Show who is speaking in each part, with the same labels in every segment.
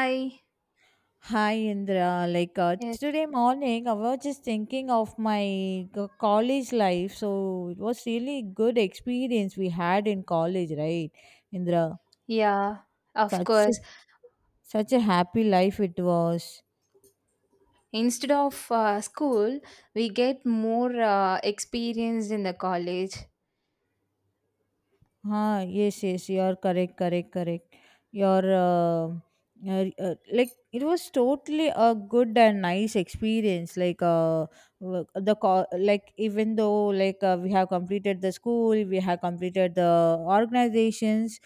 Speaker 1: Hi.
Speaker 2: Hi Indra, like
Speaker 1: Yes.
Speaker 2: today morning I was just thinking of my college life. So it was really good experience we had in college, right, Indra?
Speaker 1: Yeah, of
Speaker 2: Such a-
Speaker 1: course.
Speaker 2: Such a happy life it was.
Speaker 1: Instead of school, we get more experience in the college.
Speaker 2: हाँ, yes, yes, you are correct, correct, correct. Your Like it was totally a good and nice experience. Like like even though like we have completed the school, we have completed the organizations,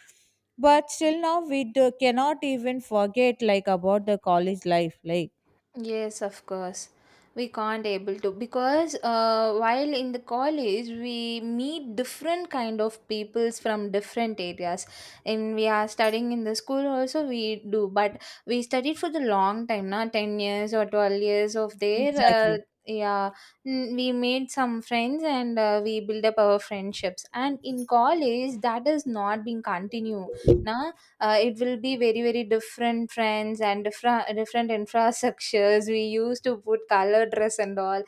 Speaker 2: but still now cannot even forget like about the college life.
Speaker 1: Yes, of course. We can't able to because while in the college we meet different kind of peoples from different areas, and we are studying in the school also we do, but we studied for the long time now 10 years or 12 years of there. uh,
Speaker 2: Exactly
Speaker 1: yeah. We made some friends, and we build up our friendships, and in college that is not being continue na. It will be very very different trends and different different infrastructures. We use to put color dress and all,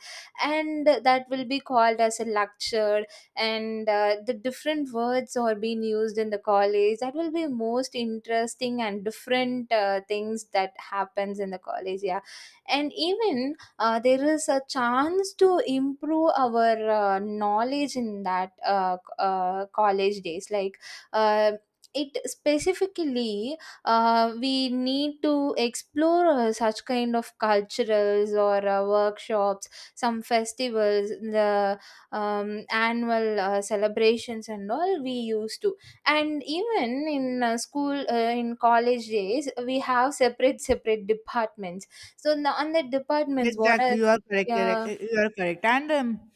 Speaker 1: and that will be called as a lecture. And the different words are being used in the college that will be most interesting, and different things that happens in the college, yeah. And even there is a chance to improve our knowledge in that college days, like. uh, it specifically, we need to explore such kind of culturals or workshops, some festivals, the annual celebrations and all we used to. And even in school, in college days we have separate separate departments. So now on the departments what are.
Speaker 2: Exactly, you are correct,
Speaker 1: Yeah.
Speaker 2: you are correct, and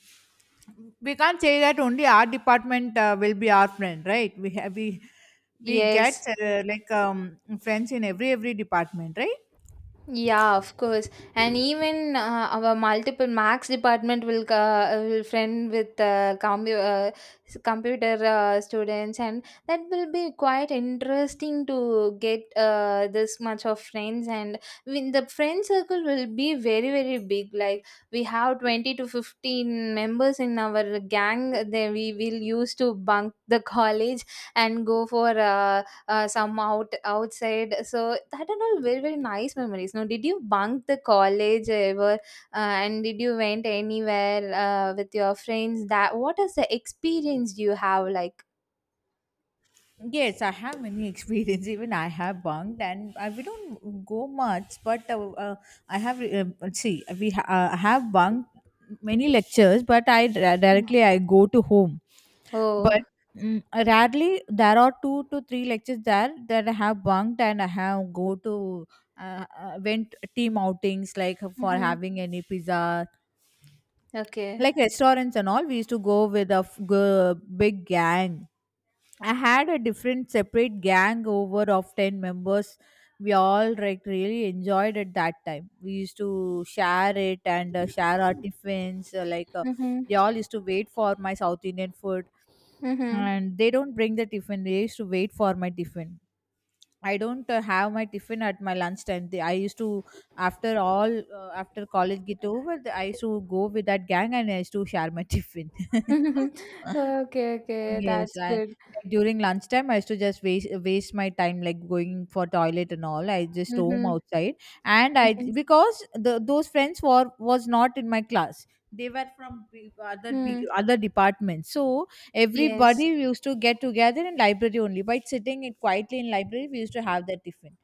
Speaker 2: we can't say that only our department will be our friend, right? We get
Speaker 1: Yes.
Speaker 2: like friends in every department, right?
Speaker 1: Yeah, of course. And even our multiple max department will friend with computer students, and that will be quite interesting to get this much of friends. And when the friend circle will be very very big. Like we have 20 to 15 members in our gang. Then we will use to bunk the college and go for. Some out outside, so that are all very very nice memories. Now, did you bunk the college ever and did you went anywhere with your friends, that what is the experience you have, like?
Speaker 2: Yes, I have many experience. Even I have bunked, and we don't go much. But I have see we ha- have bunked many lectures, but
Speaker 1: Mm.
Speaker 2: directly I go to home.
Speaker 1: Oh.
Speaker 2: But rarely there are two to three lectures there that I have bunked, and I have go to went team outings like for
Speaker 1: Mm-hmm.
Speaker 2: having any pizza,
Speaker 1: Okay.
Speaker 2: like restaurants and all. We used to go with a big gang. I had a different separate gang over of 10 members. We all like really enjoyed at that time. We used to share it and share our tiffins. Like
Speaker 1: Mm-hmm.
Speaker 2: they all used to wait for my South Indian food,
Speaker 1: Mm-hmm.
Speaker 2: and they don't bring the tiffin. They used to wait for my tiffin. I don't have my tiffin at my lunchtime. They, I used to, After all, after college get over, I used to go with that gang, and I used to share my tiffin.
Speaker 1: Okay, okay,
Speaker 2: Yes,
Speaker 1: that's
Speaker 2: I like
Speaker 1: good.
Speaker 2: during lunchtime I used to just waste my time, like going for toilet and all. I just roam
Speaker 1: Mm-hmm.
Speaker 2: outside, and I
Speaker 1: Mm-hmm.
Speaker 2: because the those friends were was not in my class. They were from
Speaker 1: Hmm.
Speaker 2: other departments. So
Speaker 1: Yes,
Speaker 2: everybody used to get together in library only. By sitting it quietly in library, we used to have that tiffin.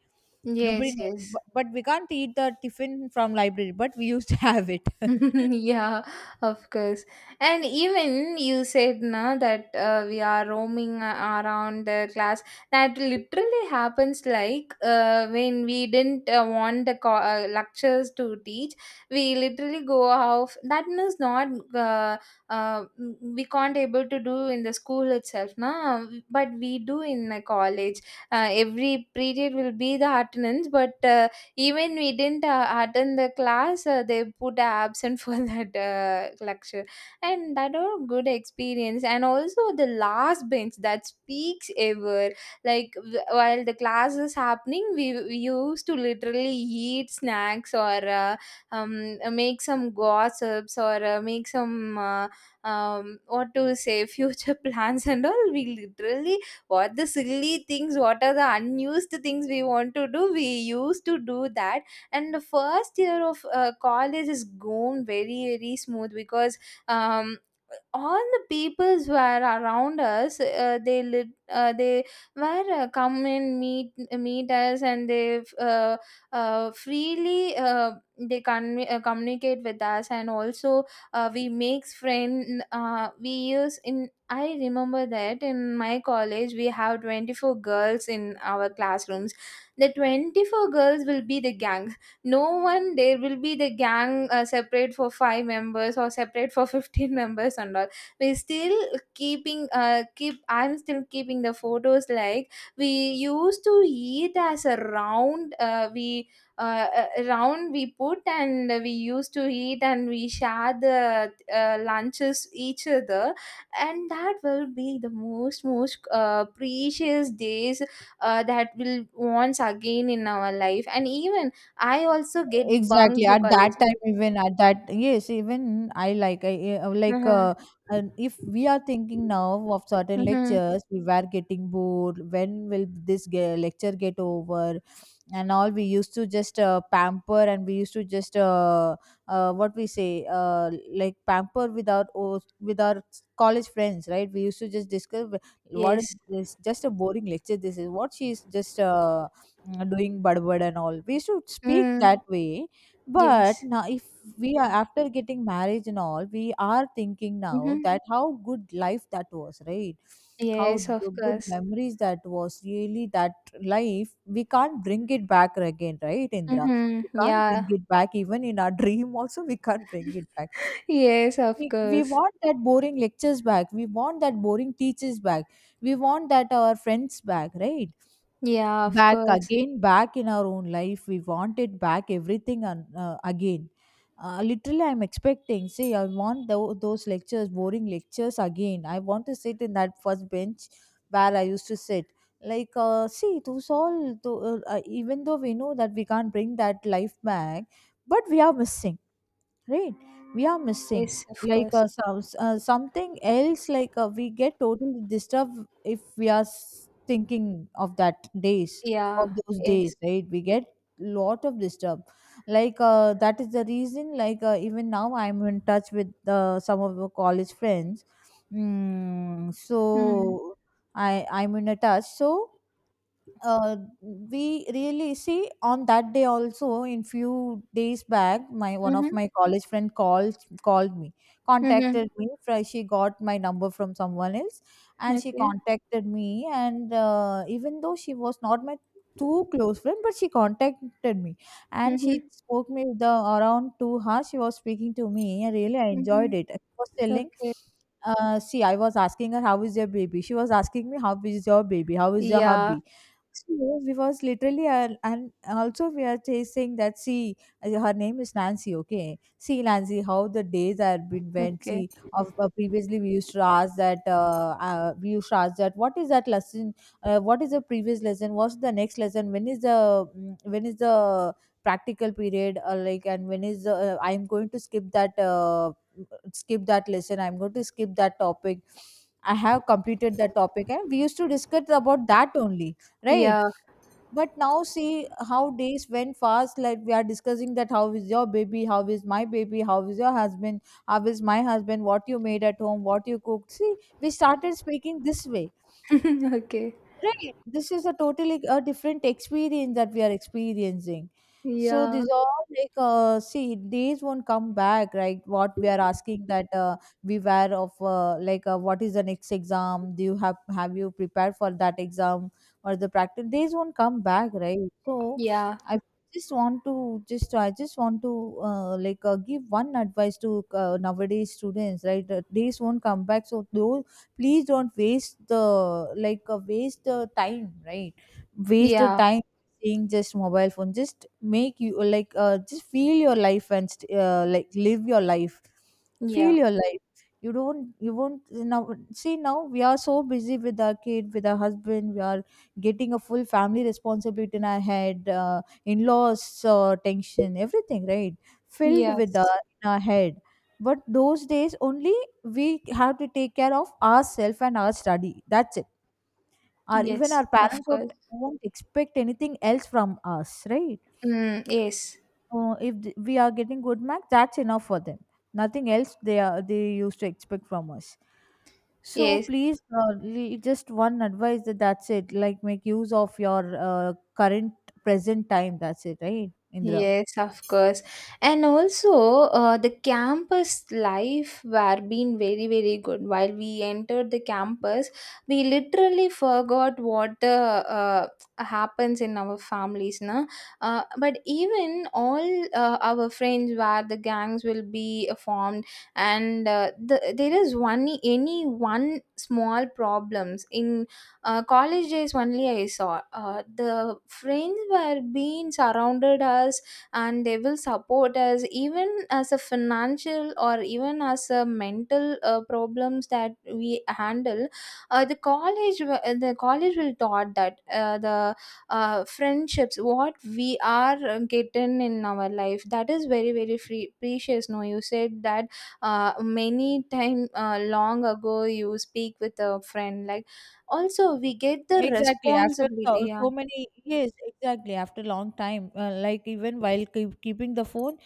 Speaker 2: Nobody
Speaker 1: yes,
Speaker 2: knows,
Speaker 1: yes.
Speaker 2: but we can't eat the tiffin from library. But we used to have it.
Speaker 1: Yeah, of course. And even you said now that we are roaming around the class. That literally happens like when we didn't want the lectures to teach, we literally go off. That is not uh, uh, we can't able to do in the school itself now, but we do in the college. Every period will be the attendance, but. Even we didn't attend the class, they put a absent for that lecture. And that was good experience. And also the last bench that speaks ever. Like while the class is happening, we used to literally eat snacks or make some gossips or make some what to say, future plans and all. We literally, what the silly things, what are the unused things we want to do, we used to do that. And the first year of college is gone very very smooth, because um all the peoples were around us. They they were come and meet us, and they freely they communicate with us. And also we makes friend we use in. I remember that in my college we have 24 girls in our classrooms. The 24 girls will be the gang. No one there will be the gang separate for 5 members or separate for 15 members and all. We still keeping keep I'm still keeping the photos, like we used to eat as a round. We round we put, and we used to eat, and we share the lunches each other. And that will be the most most precious days that will once again in our life. And even I also get
Speaker 2: Exactly,
Speaker 1: bunked the
Speaker 2: at that
Speaker 1: college.
Speaker 2: time, even at that, yes, even I like I eh, like
Speaker 1: Uh-huh.
Speaker 2: and if we are thinking now of certain
Speaker 1: Mm-hmm.
Speaker 2: lectures, we were getting bored, when will this lecture get over? And all, we used to just pamper, and we used to just what we say, like pamper with with our college friends, right? We used to just discuss, what is
Speaker 1: Yes.
Speaker 2: this? Just a boring lecture. This is what she's just doing, budbud and all, we used to speak
Speaker 1: Mm.
Speaker 2: that way. But
Speaker 1: Yes.
Speaker 2: now if we are after getting marriage and all, we are thinking now
Speaker 1: Mm-hmm.
Speaker 2: that how good life that was, right? How
Speaker 1: Yes, of
Speaker 2: the good
Speaker 1: course.
Speaker 2: memories that was, really that life, we can't bring it back again, right, Indra? We
Speaker 1: Mm-hmm.
Speaker 2: can't bring
Speaker 1: Yeah.
Speaker 2: it back even in our dream, also, we can't bring it back.
Speaker 1: Yes, of
Speaker 2: We
Speaker 1: course.
Speaker 2: want that boring lectures back, we want that boring teachers back, we want that our friends back, right?
Speaker 1: Yeah, of
Speaker 2: Back
Speaker 1: course.
Speaker 2: again, back in our own life, we want it back, everything, and again. Literally, I'm expecting. See, I want those lectures, boring lectures again. I want to sit in that first bench where I used to sit. Like, see, those all, even though we know that we can't bring that life back, but we are missing, right? We are missing
Speaker 1: Yes, of
Speaker 2: like
Speaker 1: course.
Speaker 2: some, something else. Like we get totally disturbed if we are thinking of that days,
Speaker 1: Yeah.
Speaker 2: of those
Speaker 1: Yes.
Speaker 2: days, right? We get lot of disturb. Like that is the reason, like even now I'm in touch with some of our college friends.
Speaker 1: Mm-hmm.
Speaker 2: So I'm in a touch. So uh, we really see, on that day also, in few days back, my one of
Speaker 1: Mm-hmm.
Speaker 2: my college friend called me,
Speaker 1: Mm-hmm.
Speaker 2: contacted me, she got my number from someone else, and she
Speaker 1: Okay.
Speaker 2: contacted me, and even though she was not my too close friend, but she contacted me, and she
Speaker 1: Mm-hmm.
Speaker 2: spoke me the around 2 hours she was speaking to me, and really I
Speaker 1: Mm-hmm.
Speaker 2: enjoyed it. She was telling,
Speaker 1: Okay.
Speaker 2: see, I was asking her, how is your baby? She was asking me, how is your baby? How is your
Speaker 1: Yeah.
Speaker 2: hubby? Yes, because literally and also we are chasing that, see, her name is Nancy. Okay, see, Nancy, how the days are been went.
Speaker 1: Okay.
Speaker 2: See, of previously, we used to ask that, we used to ask that, what is that lesson, what is the previous lesson, what's the next lesson, when is the practical period, like, and when is the, I'm going to skip that, skip that lesson, I'm going to skip that topic, I have completed that topic, and we used to discuss about that only, right?
Speaker 1: Yeah.
Speaker 2: But now see how days went fast. Like, we are discussing that, how is your baby, how is my baby, how is your husband, how is my husband, what you made at home, what you cooked? See, we started speaking this way.
Speaker 1: Okay.
Speaker 2: Right. This is a totally a different experience that we are experiencing. So
Speaker 1: Yeah.
Speaker 2: these are like, see, days won't come back, right? What we are asking that, we were of like what is the next exam? Do you Have you prepared for that exam or the practice? Days won't come back, right? So
Speaker 1: Yeah.
Speaker 2: I I just want to like give one advice to nowadays students, right? Days won't come back, so those, please don't waste the, like waste the time, right? Waste the
Speaker 1: Yeah.
Speaker 2: time seeing just mobile phone. Just make you, like just feel your life, and like live your life. Feel
Speaker 1: Yeah.
Speaker 2: your life, you don't, you won't now. See now we are so busy with our kid, with our husband, we are getting a full family responsibility in our head, in-laws, tension, everything, right? Filled with
Speaker 1: Yes.
Speaker 2: our, in our head. But those days only, we have to take care of ourselves and our study, that's it. Our Even our
Speaker 1: Yes. Of
Speaker 2: parents would,
Speaker 1: course.
Speaker 2: won't expect anything else from us, right?
Speaker 1: Mm, yes.
Speaker 2: If we are getting good marks, that's enough for them. Nothing else they used to expect from us. So
Speaker 1: Yes.
Speaker 2: please, just one advice, that's it. Like make use of your current present time. That's it, right, Indra?
Speaker 1: Yes, of course. And also, the campus life were been very, very good. While we entered the campus, we literally forgot what the happens in our families, na. But even all our friends, where the gangs will be formed, and the, there is one any one small problems in college days only I saw. The friends were being surrounded us, and they will support us even as a financial or even as a mental problems that we handle. The college the college will taught that the friendships what we are getting in our life that is very very free, precious. No, you said that many time long ago you speak with a friend, like also, we get the
Speaker 2: Exactly. After
Speaker 1: responsibility,
Speaker 2: so,
Speaker 1: yeah.
Speaker 2: so many, yes, exactly. After long time, like even while keeping the phone,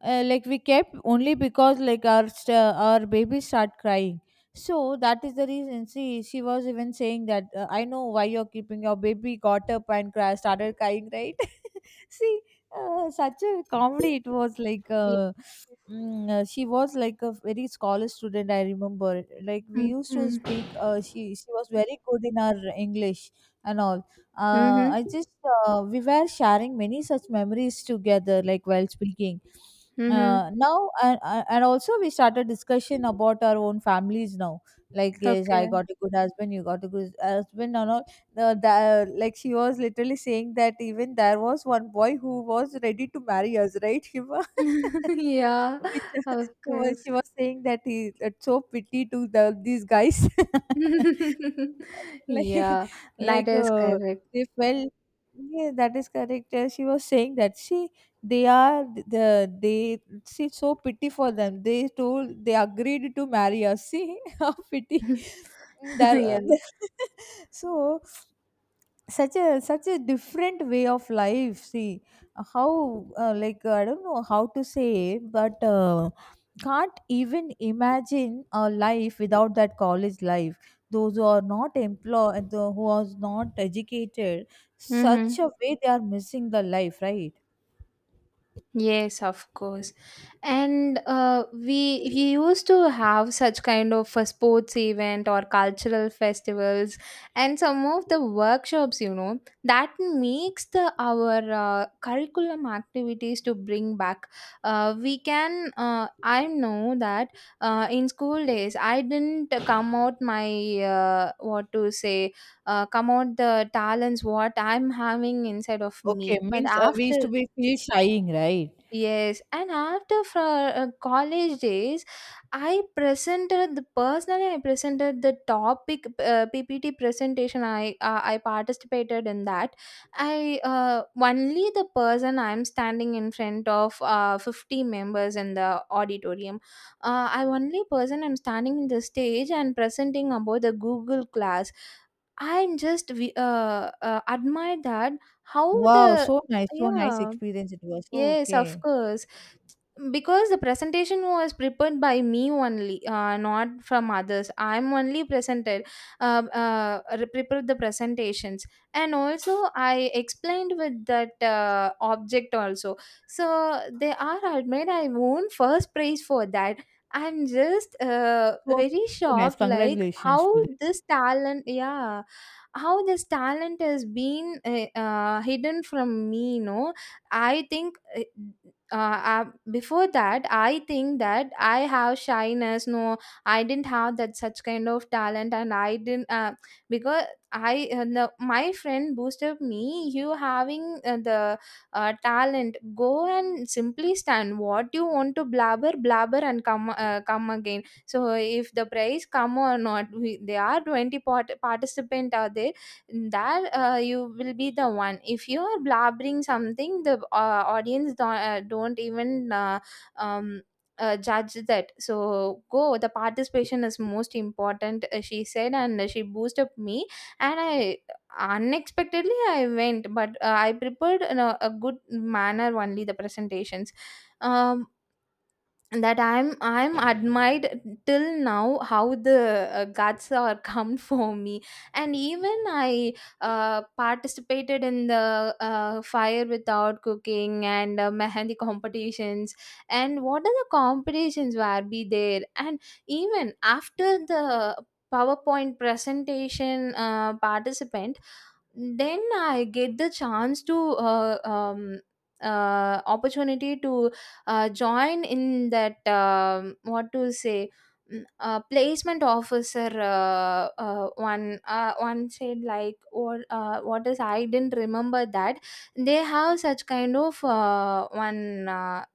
Speaker 2: like we kept only because like our baby start crying. So that is the reason. See, she was even saying that, I know why you're keeping, your baby got up and cry, started crying, right? See, such a comedy it was, like.
Speaker 1: Ye-.
Speaker 2: She was like a very scholar student, I remember. Like, we
Speaker 1: Mm,
Speaker 2: used to
Speaker 1: mm.
Speaker 2: speak, she was very good in our English and all.
Speaker 1: Mhm,
Speaker 2: I just We were sharing many such memories together, like while speaking,
Speaker 1: mhm.
Speaker 2: now, and also we started discussion about our own families now, like, yes, I
Speaker 1: Okay.
Speaker 2: got a good husband, you got a good husband and all. Like, she was literally saying that, even there was one boy who was ready to marry us, right, Shiva?
Speaker 1: Yeah,
Speaker 2: Which,
Speaker 1: of
Speaker 2: she was
Speaker 1: course.
Speaker 2: she was saying that, he it's so pity to the these guys. like
Speaker 1: Yeah, that
Speaker 2: like
Speaker 1: is correct.
Speaker 2: they felt, yeah, that is correct. She was saying that, she they are the they she, so pity for them, they told they agreed to marry us. See, how pity there.
Speaker 1: Yeah.
Speaker 2: So, such a different way of life. See how, like, I don't know how to say, but can't even imagine a life without that college life. Those who are not employed, who are not educated,
Speaker 1: Mm-hmm.
Speaker 2: such a way they are missing the life, right?
Speaker 1: Yes, of course. And we used to have such kind of a sports event or cultural festivals and some of the workshops, that makes the our curriculum activities to bring back. We can I know that in school days I didn't come out my what to say, come out the talents what I'm having inside of
Speaker 2: Okay,
Speaker 1: me, but
Speaker 2: means we
Speaker 1: after.
Speaker 2: used to be feel shying, right?
Speaker 1: Yes, and after for college days, I presented the personally. I presented the topic PPT presentation. I participated in that. I only the person I'm standing in front of 50 members in the auditorium. I only person I'm standing in the stage and presenting about the Google class. I'm just admire that how
Speaker 2: Wow,
Speaker 1: the.
Speaker 2: so nice, so nice
Speaker 1: Yeah.
Speaker 2: experience it was.
Speaker 1: Yes, of
Speaker 2: Okay.
Speaker 1: course. Because the presentation was prepared by me only, not from others. I'm only presented, prepared the presentations, and also I explained with that object also. So they are admit I won first prize for that. I'm just
Speaker 2: So,
Speaker 1: very
Speaker 2: so nice,
Speaker 1: shocked, like
Speaker 2: congratulations
Speaker 1: how
Speaker 2: for
Speaker 1: this talent, yeah, how this talent has been hidden from me, you know. I think uh, uh, before that I think that I have shyness, no. I didn't have that such kind of talent, and I didn't because I the, my friend boosted me. You having the talent, go and simply stand what you want to blabber blabber, and come come again. So if the prize come or not, we, there are 20-part- participant are there, that you will be the one if you are blabbering something, the audience don't even um, judge that. So go, the participation is most important, she said, and she boosted up me. And I unexpectedly I went, but I prepared in a good manner only the presentations. um that I'm admired till now how the guts are come for me. And even I participated in the fire without cooking, and mehendi competitions, and what are the competitions were be there. And even after the powerpoint presentation participant, then I get the chance to opportunity to join in that, what to say, placement officer one one said like, or what is I didn't remember that. They have such kind of one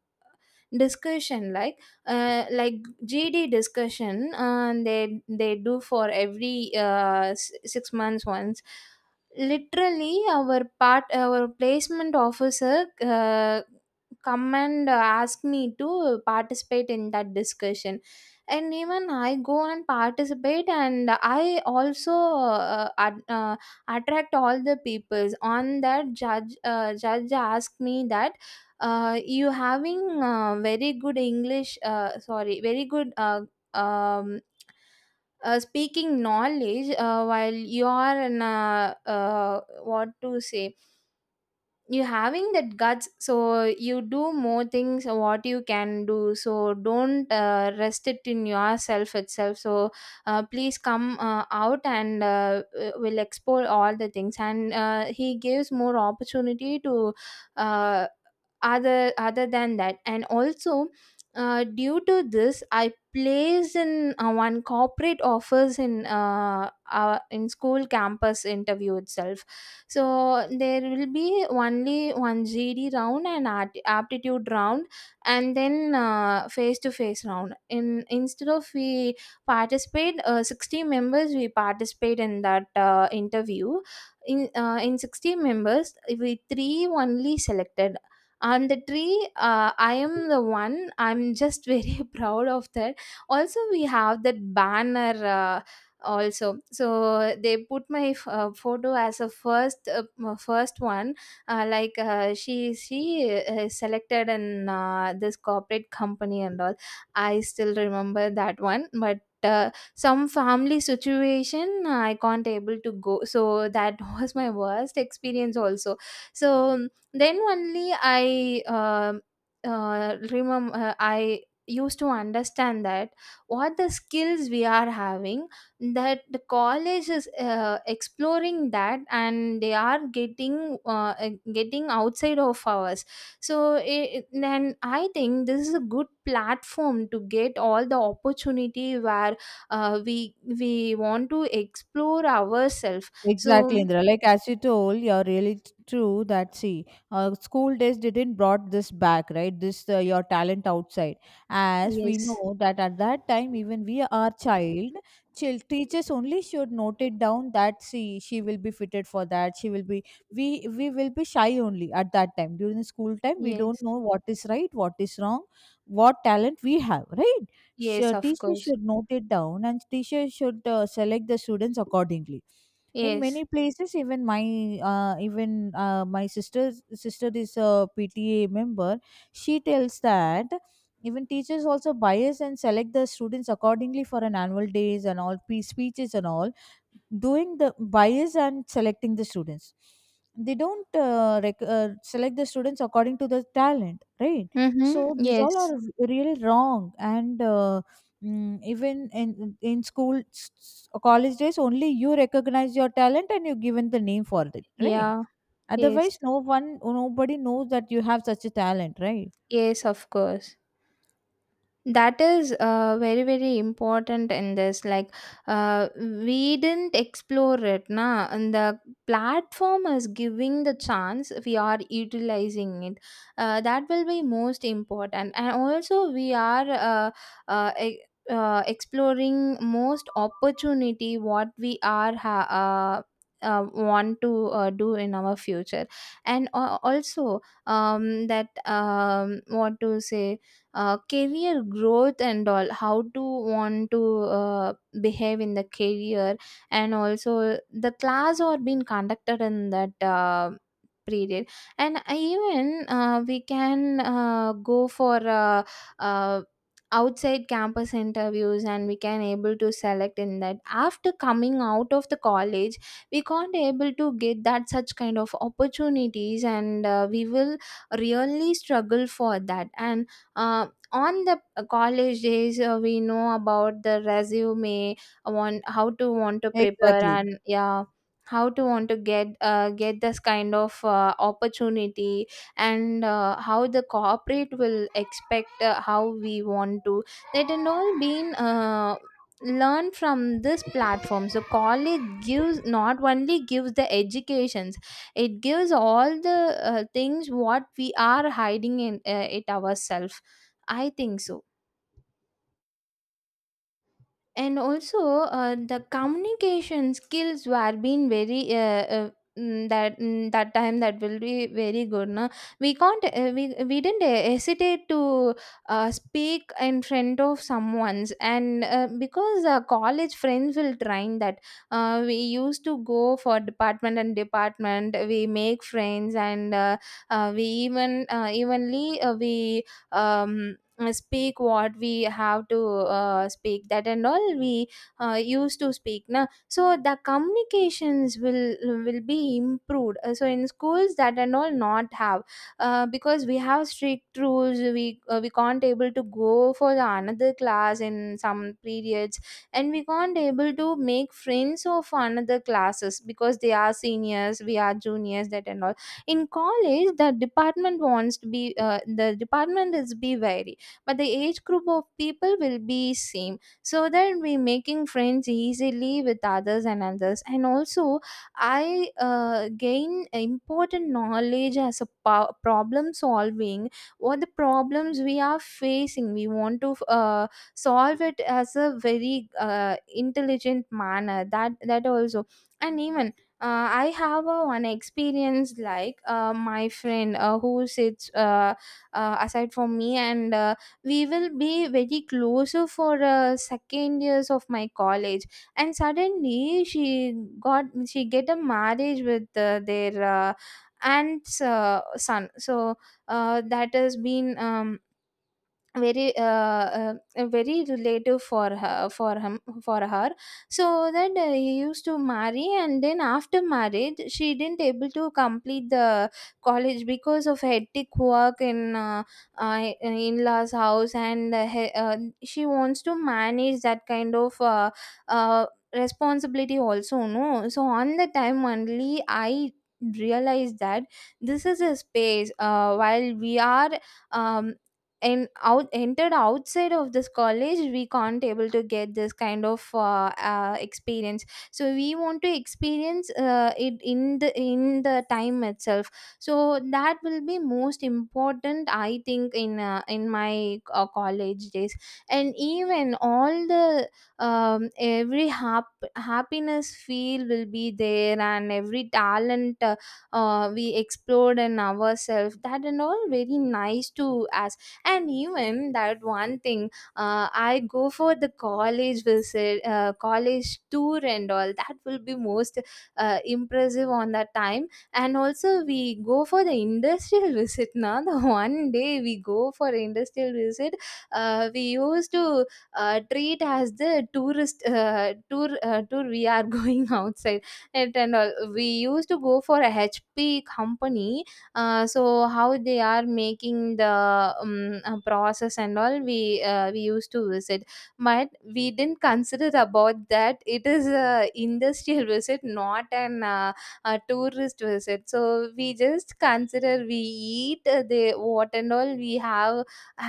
Speaker 1: discussion, like GD discussion. They do for every 6 months once. Literally our part our placement officer come and ask me to participate in that discussion. And even I go and participate, and I also attract all the peoples on that judge. Judge asked me that you having very good English, sorry, very good um, speaking knowledge. While you are in a, what to say, you having that guts, so you do more things what you can do, so don't rest it in yourself itself. So please come out and will explore all the things. And he gives more opportunity to uh, other other than that. And also due to this I placed in one corporate offers in our in school campus interview itself. So there will be only one GD round and aptitude round, and then face-to-face round. In instead of we participate, 60 members we participate in that interview. In 60 members, we three only selected. On the three I am the one. I'm just very proud of that. Also, we have that banner. Also, so they put my photo as a first first one, like, she selected in this corporate company and all. I still remember that one, but some family situation I can't able to go, so that was my worst experience also. So then only I remember I used to understand that what the skills we are having, that the college is exploring that, and they are getting getting outside of ours. So it, then I think this is a good platform to get all the opportunity where we want to explore ourselves. So
Speaker 2: Exactly, Indra. Like as you told, you're really true that, see, school days didn't brought this back, right? This your talent outside, as we
Speaker 1: yes,
Speaker 2: know that at that time, even we are child, child teachers only should note it down that, see, she will be fitted for that. She will be, we will be shy only at that time during the school time. We don't
Speaker 1: yes,
Speaker 2: know what is right, what is wrong, what talent we have, right?
Speaker 1: yes,
Speaker 2: Sure,
Speaker 1: of
Speaker 2: teacher
Speaker 1: course.
Speaker 2: should note it down, and teacher should select the students accordingly in
Speaker 1: Yes.
Speaker 2: many places even my sister's sister is a PTA member. She tells that even teachers also bias and select the students accordingly for an annual days and all speeches and all, doing the bias and selecting the students. They don't select the students according to the talent, right? So
Speaker 1: Mm-hmm.
Speaker 2: these all
Speaker 1: Yes.
Speaker 2: are really wrong and even in school, college days, only you recognize your talent and you given the name for it, right?
Speaker 1: Yeah. Yes.
Speaker 2: Otherwise, no one, nobody knows that you have such a talent, right?
Speaker 1: Yes, of course. That is very, very important in this, like, we didn't explore it na, and the platform is giving the chance, we are utilizing it. That will be most important, and also we are uh, e- exploring most opportunity what we are want to do in our future. And also, that, what to say, career growth and all, how to want to uh, behave in the career, and also the class or being conducted in that period. And even we can go for uh, outside campus interviews, and we can able to select in that. After coming out of the college, we can't able to get that such kind of opportunities, and we will really struggle for that. And uh, on the college days, we know about the resume, want how to want to prepare,
Speaker 2: Exactly.
Speaker 1: and yeah, how to want to get this kind of opportunity, and how the corporate will expect, how we want to, that and all been learned from this platform. So college gives, not only gives the educations, it gives all the things what we are hiding in it ourselves, I think so. And also, the communication skills were being very, that, that time that will be very good na. We can't, we didn't hesitate to speak in front of someone's, and because college friends will train that. We used to go for department, and department we make friends, and we even evenly we, um, speak what we have to speak, that and all we used to speak na, so the communications will be improved. So in schools that and all not have, because we have strict rules, we can't able to go for the another class in some periods. And we can't able to make friends of another classes, because they are seniors, we are juniors, that and all. In college the department wants to be the department is be very, but the age group of people will be same, so that we making friends easily with others and others. And also, I gain important knowledge as a problem solving. What the problems we are facing, we want to uh, solve it as a very intelligent manner, that also. And even, I have a one experience, like, my friend, who sits aside from me, and we will be very closer for second years of my college. And suddenly she get a marriage with their aunt's son, so that has been, very, very relative for her, for him, for her. So that he used to marry, and then after marriage she didn't able to complete the college because of hectic work in in-laws house, and she wants to manage that kind of uh, responsibility also, no. So on the time only I realized that this is a space while we are, um, and out entered outside of this college, we can't able to get this kind of experience. So we want to experience it in the time itself. So that will be most important, I think, in my college days. And even all the, every happiness feel will be there, and every talent we explored in ourselves, that and all very nice to as. And even that one thing, I go for the college visit, college tour, and all that will be most impressive on that time. And also we go for the industrial visit. Now the one day we go for industrial visit, we used to treat as the tourist tour, we are going outside. It and all we used to go for a HP company. So how they are making the process and all, we used to visit. But we didn't consider about that, it is a industrial visit, not an a tourist visit. So we just consider we eat the what and all we have,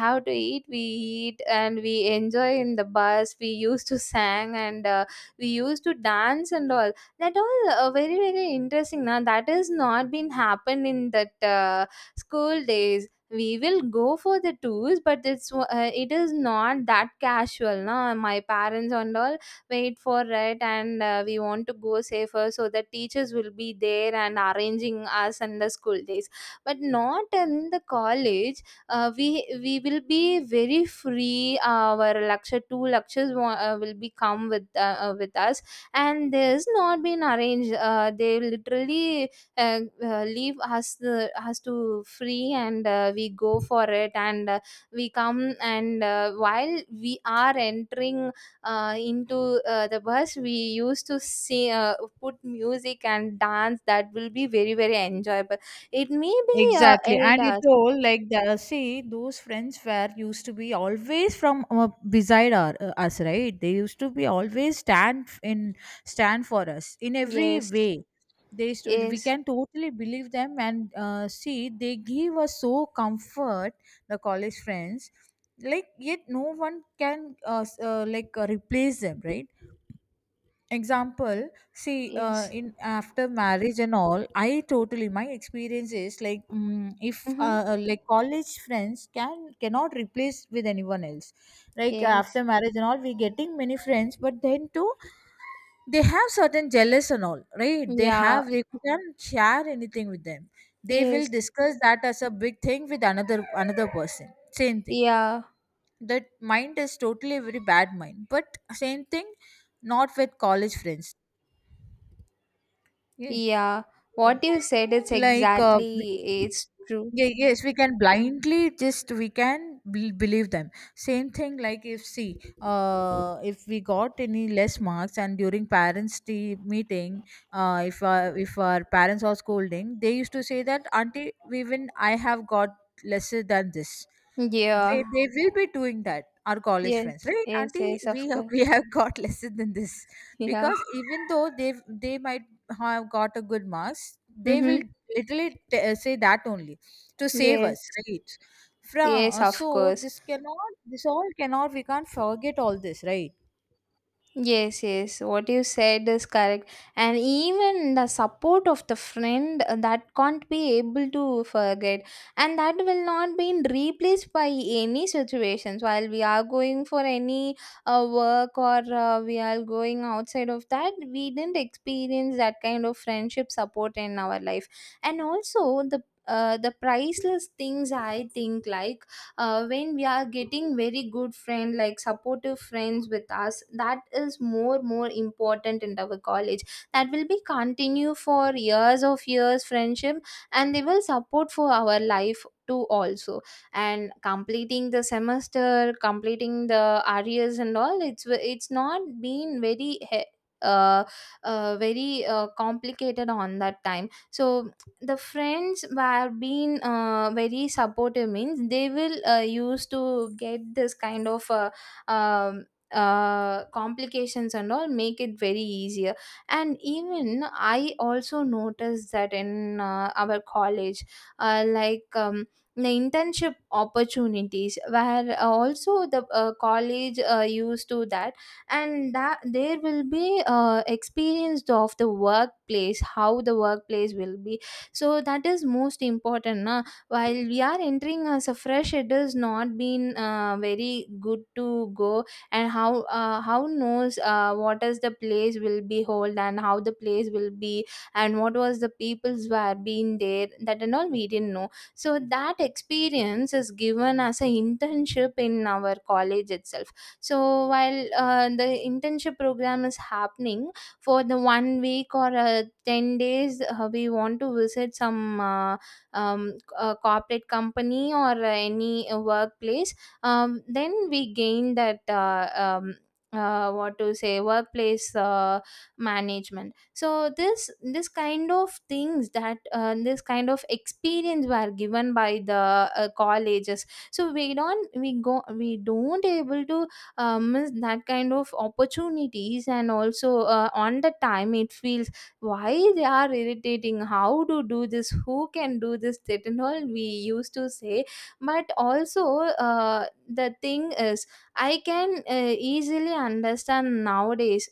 Speaker 1: how to eat we eat, and we enjoy in the bus, we used to sang, and we used to dance and all. That all very, very interesting now. That has not been happened in that school days. We will go for the tours, but it is not that casual. Now my parents and all wait for it, and we want to go safer, so the teachers will be there and arranging us in the school days. But not in the college. uh, we we will be very free, our lecture, two lectures will be come with us. And there's not been arranged. They literally leave us to free, and we go for it, and we come, and while we are entering into the bus, we used to see, put music and dance, that will be very, very enjoyable. It may be
Speaker 2: Exactly,
Speaker 1: 8
Speaker 2: and it
Speaker 1: hours.
Speaker 2: all like the see those friends were used to be always from beside our, us, right? They used to be always stand f- in stand for us in every
Speaker 1: Yes,
Speaker 2: way. They used to, we
Speaker 1: yes,
Speaker 2: can totally believe them and see they give us so comfort, the college friends. Like yet no one can like replace them, right? Example, see
Speaker 1: yes.
Speaker 2: in after marriage and all, I totally my experience is like mm if
Speaker 1: Mm-hmm.
Speaker 2: like college friends can cannot replace with anyone else. Like
Speaker 1: Yes.
Speaker 2: after marriage and all we getting many friends, but then too they have certain jealous and all, right? They
Speaker 1: Yeah.
Speaker 2: have they can't share anything with them. They will
Speaker 1: Yes.
Speaker 2: discuss that as a big thing with another another person, same thing.
Speaker 1: Yeah.
Speaker 2: That mind is totally a very bad mind, but same thing not with college friends. Yes.
Speaker 1: Yeah, what you said is
Speaker 2: Like
Speaker 1: exactly it's true.
Speaker 2: yeah, yes, we can blindly just we can believe them. Same thing like if see, if we got any less marks and during parents' tea meeting, if our parents are scolding, they used to say that auntie, even I have got lesser than this. They,
Speaker 1: Yeah.
Speaker 2: they will be doing that. Our college
Speaker 1: Yes.
Speaker 2: friends, right,
Speaker 1: Yes.
Speaker 2: auntie?
Speaker 1: Yes. Of course.
Speaker 2: We have got lesser than this
Speaker 1: Yeah.
Speaker 2: because even though they might have got a good marks, they
Speaker 1: Mm-hmm.
Speaker 2: will literally say that only to save
Speaker 1: Yes.
Speaker 2: us, right?
Speaker 1: Yes.
Speaker 2: From
Speaker 1: Of
Speaker 2: so
Speaker 1: course.
Speaker 2: this cannot, this all cannot, we can't forget all this, right?
Speaker 1: Yes, yes, what you said is correct. And even the support of the friend, that can't be able to forget, and that will not be replaced by any situations while we are going for any work, or we are going outside of that. We didn't experience that kind of friendship support in our life, and also the priceless things I think, like when we are getting very good friend, like supportive friends with us, that is more important in our college. That will be continue for years of years friendship, and they will support for our life too also. And completing the semester, completing the arrears and all, it's not been very uh, complicated on that time. So the friends were being very supportive means, they will used to get this kind of um, complications and all, make it very easier. And even I also noticed that in our college, like, the internship opportunities where also the college used to that. And that, there will be experienced of the workplace, how the workplace will be. So that is most important na. While we are entering as a so fresh, it is not been very good to go. And how knows what is the place will be hold and how the place will be, and what was the people's were being there, that and all we didn't know. So that experience is given as an internship in our college itself. So while the internship program is happening for the one week or 10 days, we want to visit some corporate company or any workplace. Then we gain that what to say workplace management. So this kind of things, that this kind of experience were given by the colleges. So we don't able to, miss that kind of opportunities. And also on the time it feels, why they are irritating, how to do this, who can do this, that and all we used to say. But also the thing is, I can easily understand nowadays,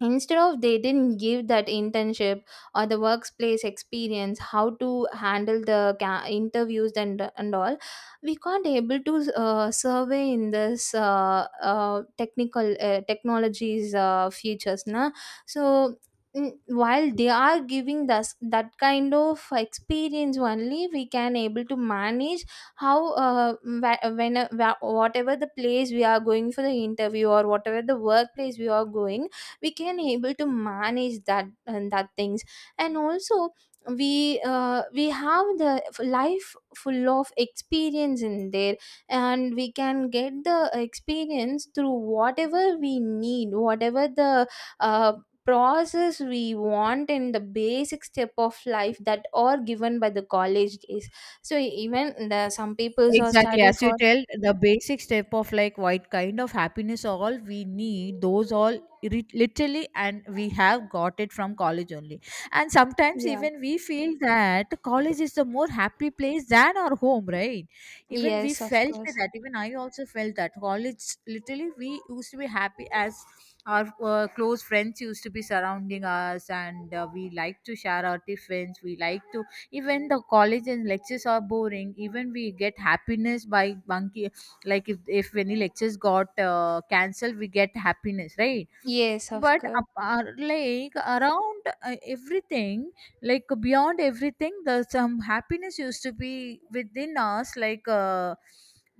Speaker 1: instead of, they didn't give that internship or the workplace experience, how to handle the interviews and all, we can't able to survey in this technical technologies futures na. So, mm, while they are giving us that kind of experience only we can able to manage how, whatever the place we are going for the interview, or whatever the workplace we are going, we can able to manage that and that things. And also we have the life full of experience in there. And we can get the experience through whatever we need, whatever the uh, process we want in the basic step of life, that are given by the college days. So even the some people are
Speaker 2: Exactly,
Speaker 1: study
Speaker 2: as you
Speaker 1: for.
Speaker 2: tell, the basic step of like what kind of happiness all we need, those all literally, and we have got it from college only. And sometimes
Speaker 1: Yeah.
Speaker 2: even we feel that college is the more happy place than our home, right? Even we
Speaker 1: Yes, of
Speaker 2: felt
Speaker 1: course.
Speaker 2: that, even I also felt that college literally we used to be happy as our close friends used to be surrounding us, and we like to share our tiffins, we like to even the college and lectures are boring, even we get happiness by bunky. Like if any lectures got cancelled, we get happiness, right?
Speaker 1: Yes, of
Speaker 2: But
Speaker 1: course.
Speaker 2: apart, like around everything, like beyond everything, the some happiness used to be within us like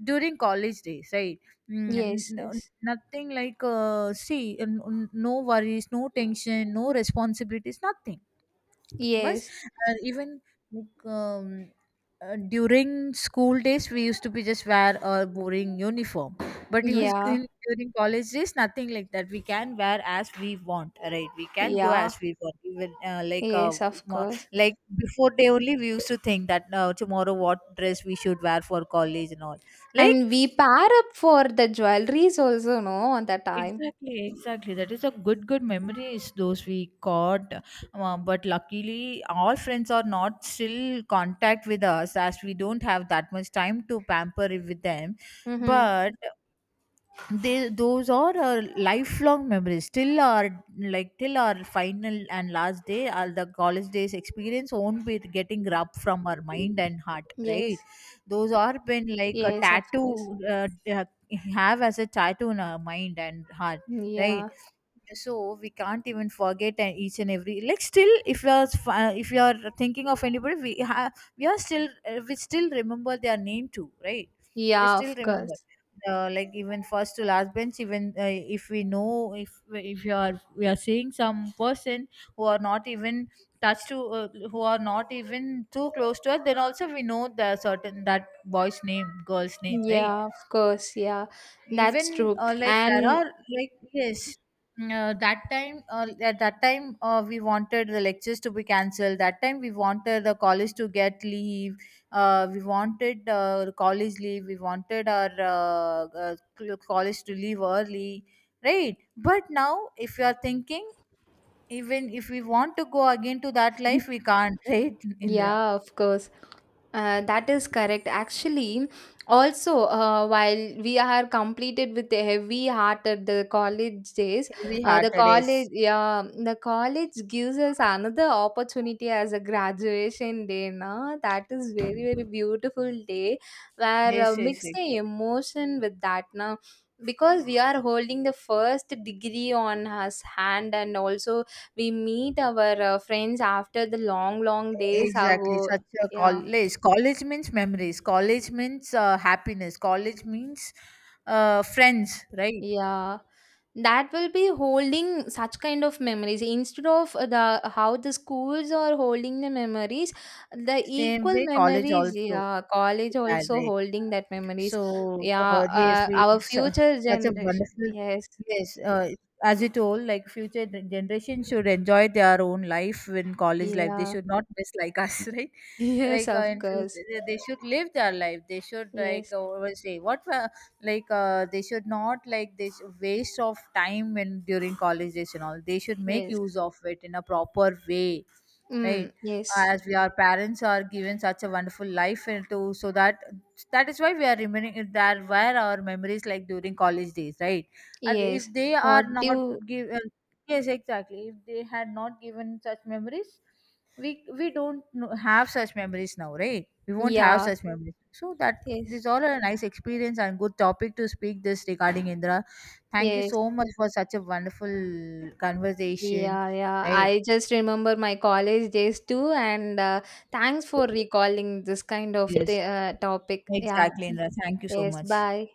Speaker 2: during college days, right? Mm,
Speaker 1: Yes.
Speaker 2: n-
Speaker 1: Yes.
Speaker 2: Nothing like see, no worries, no tension, no responsibilities, nothing. Bus
Speaker 1: Yes.
Speaker 2: and even like during school days we used to be just wear a boring uniform. But even
Speaker 1: Yeah,
Speaker 2: during college days nothing like that, we can wear as we want, right? We can go
Speaker 1: yeah,
Speaker 2: as we want, even like
Speaker 1: yes, of
Speaker 2: mo-
Speaker 1: course.
Speaker 2: like before day only we used to think that tomorrow what dress we should wear for college and all, like
Speaker 1: And we pair up for the jewelries also, no, on that time.
Speaker 2: Exactly, exactly. That is a good, good memories those we caught. But luckily, all friends are not still contact with us as we don't have that much time to pamper with them.
Speaker 1: Mm-hmm.
Speaker 2: But they those are our lifelong memories till our, like till our final and last day all the college days experience won't be getting rubbed from our mind and heart, right?
Speaker 1: Yes,
Speaker 2: Those are been like a
Speaker 1: yes, of course.
Speaker 2: tattoo have as a tattoo in our mind and heart, right?
Speaker 1: Yeah,
Speaker 2: So we can't even forget and each and every like still if you are if you are thinking of anybody we have, we are still we still remember their name too, right? We
Speaker 1: yeah,
Speaker 2: still
Speaker 1: of
Speaker 2: remember
Speaker 1: course.
Speaker 2: like even first to last bench, even if we know if you are we are seeing some person who are not even touched to who are not even too close to us, then also we know the certain that boy's name, girl's name, right?
Speaker 1: Yeah, of course. Yeah, that's
Speaker 2: Even
Speaker 1: true.
Speaker 2: like there
Speaker 1: And
Speaker 2: are like yes that time at that time we wanted the lectures to be cancelled, that time we wanted the college to get leave, we wanted college leave, we wanted our college to leave early, right? But now if you are thinking, even if we want to go again to that life we can't right Indra.
Speaker 1: yeah, of course. That is correct. Actually, also, while we are completed with the heavy heart at the college days,
Speaker 2: Heavy
Speaker 1: the
Speaker 2: hearted,
Speaker 1: college,
Speaker 2: yes.
Speaker 1: yeah, the college gives us another opportunity as a graduation day. Na? That is very, very beautiful day, where
Speaker 2: Yes, yes,
Speaker 1: mix
Speaker 2: yes.
Speaker 1: the emotion with that. Na? Because we are holding the first degree on us hand, and also we meet our friends after the long, long days
Speaker 2: Exactly,
Speaker 1: ago.
Speaker 2: such a
Speaker 1: Yeah,
Speaker 2: college. College means memories. College means happiness. College means friends, right?
Speaker 1: yeah. That will be holding such kind of memories, instead of the how the schools are holding the memories, the
Speaker 2: Same
Speaker 1: equal
Speaker 2: way, college
Speaker 1: memories.
Speaker 2: also
Speaker 1: Yeah,
Speaker 2: we
Speaker 1: college
Speaker 2: had,
Speaker 1: also
Speaker 2: right?
Speaker 1: holding that memories.
Speaker 2: So
Speaker 1: Yeah,
Speaker 2: yes, we
Speaker 1: our future
Speaker 2: such a
Speaker 1: generation.
Speaker 2: wonderful
Speaker 1: Yes,
Speaker 2: yes. As you told, like future generation should enjoy their own life in college life. They
Speaker 1: yeah,
Speaker 2: should not miss like us, right?
Speaker 1: yes,
Speaker 2: Like
Speaker 1: of
Speaker 2: in
Speaker 1: course.
Speaker 2: future, they should live their life. They should like
Speaker 1: Yes,
Speaker 2: what we say what like they should not like this waste of time when during college days and all. They should make
Speaker 1: yes.
Speaker 2: use of it in a proper way, right?
Speaker 1: Mm, yes,
Speaker 2: As we our parents are given such a wonderful life into so that that is why we are remembering that where our memories like during college days, right? And
Speaker 1: yes.
Speaker 2: if they are
Speaker 1: What do
Speaker 2: not
Speaker 1: you,
Speaker 2: given, yes exactly, if they had not given such memories we don't know- have such memories now, right? We won't have
Speaker 1: yeah,
Speaker 2: such memories, so that
Speaker 1: yes,
Speaker 2: these all are a nice experience and good topic to speak this regarding, Indra. Thank you
Speaker 1: yes.
Speaker 2: so much for such a wonderful conversation,
Speaker 1: Yeah, yeah.
Speaker 2: right?
Speaker 1: I just remember my college days too, and thanks for recalling this kind of
Speaker 2: Yes,
Speaker 1: topic. Yeah.
Speaker 2: exactly, Indra. Thank you so
Speaker 1: Yes,
Speaker 2: much.
Speaker 1: bye.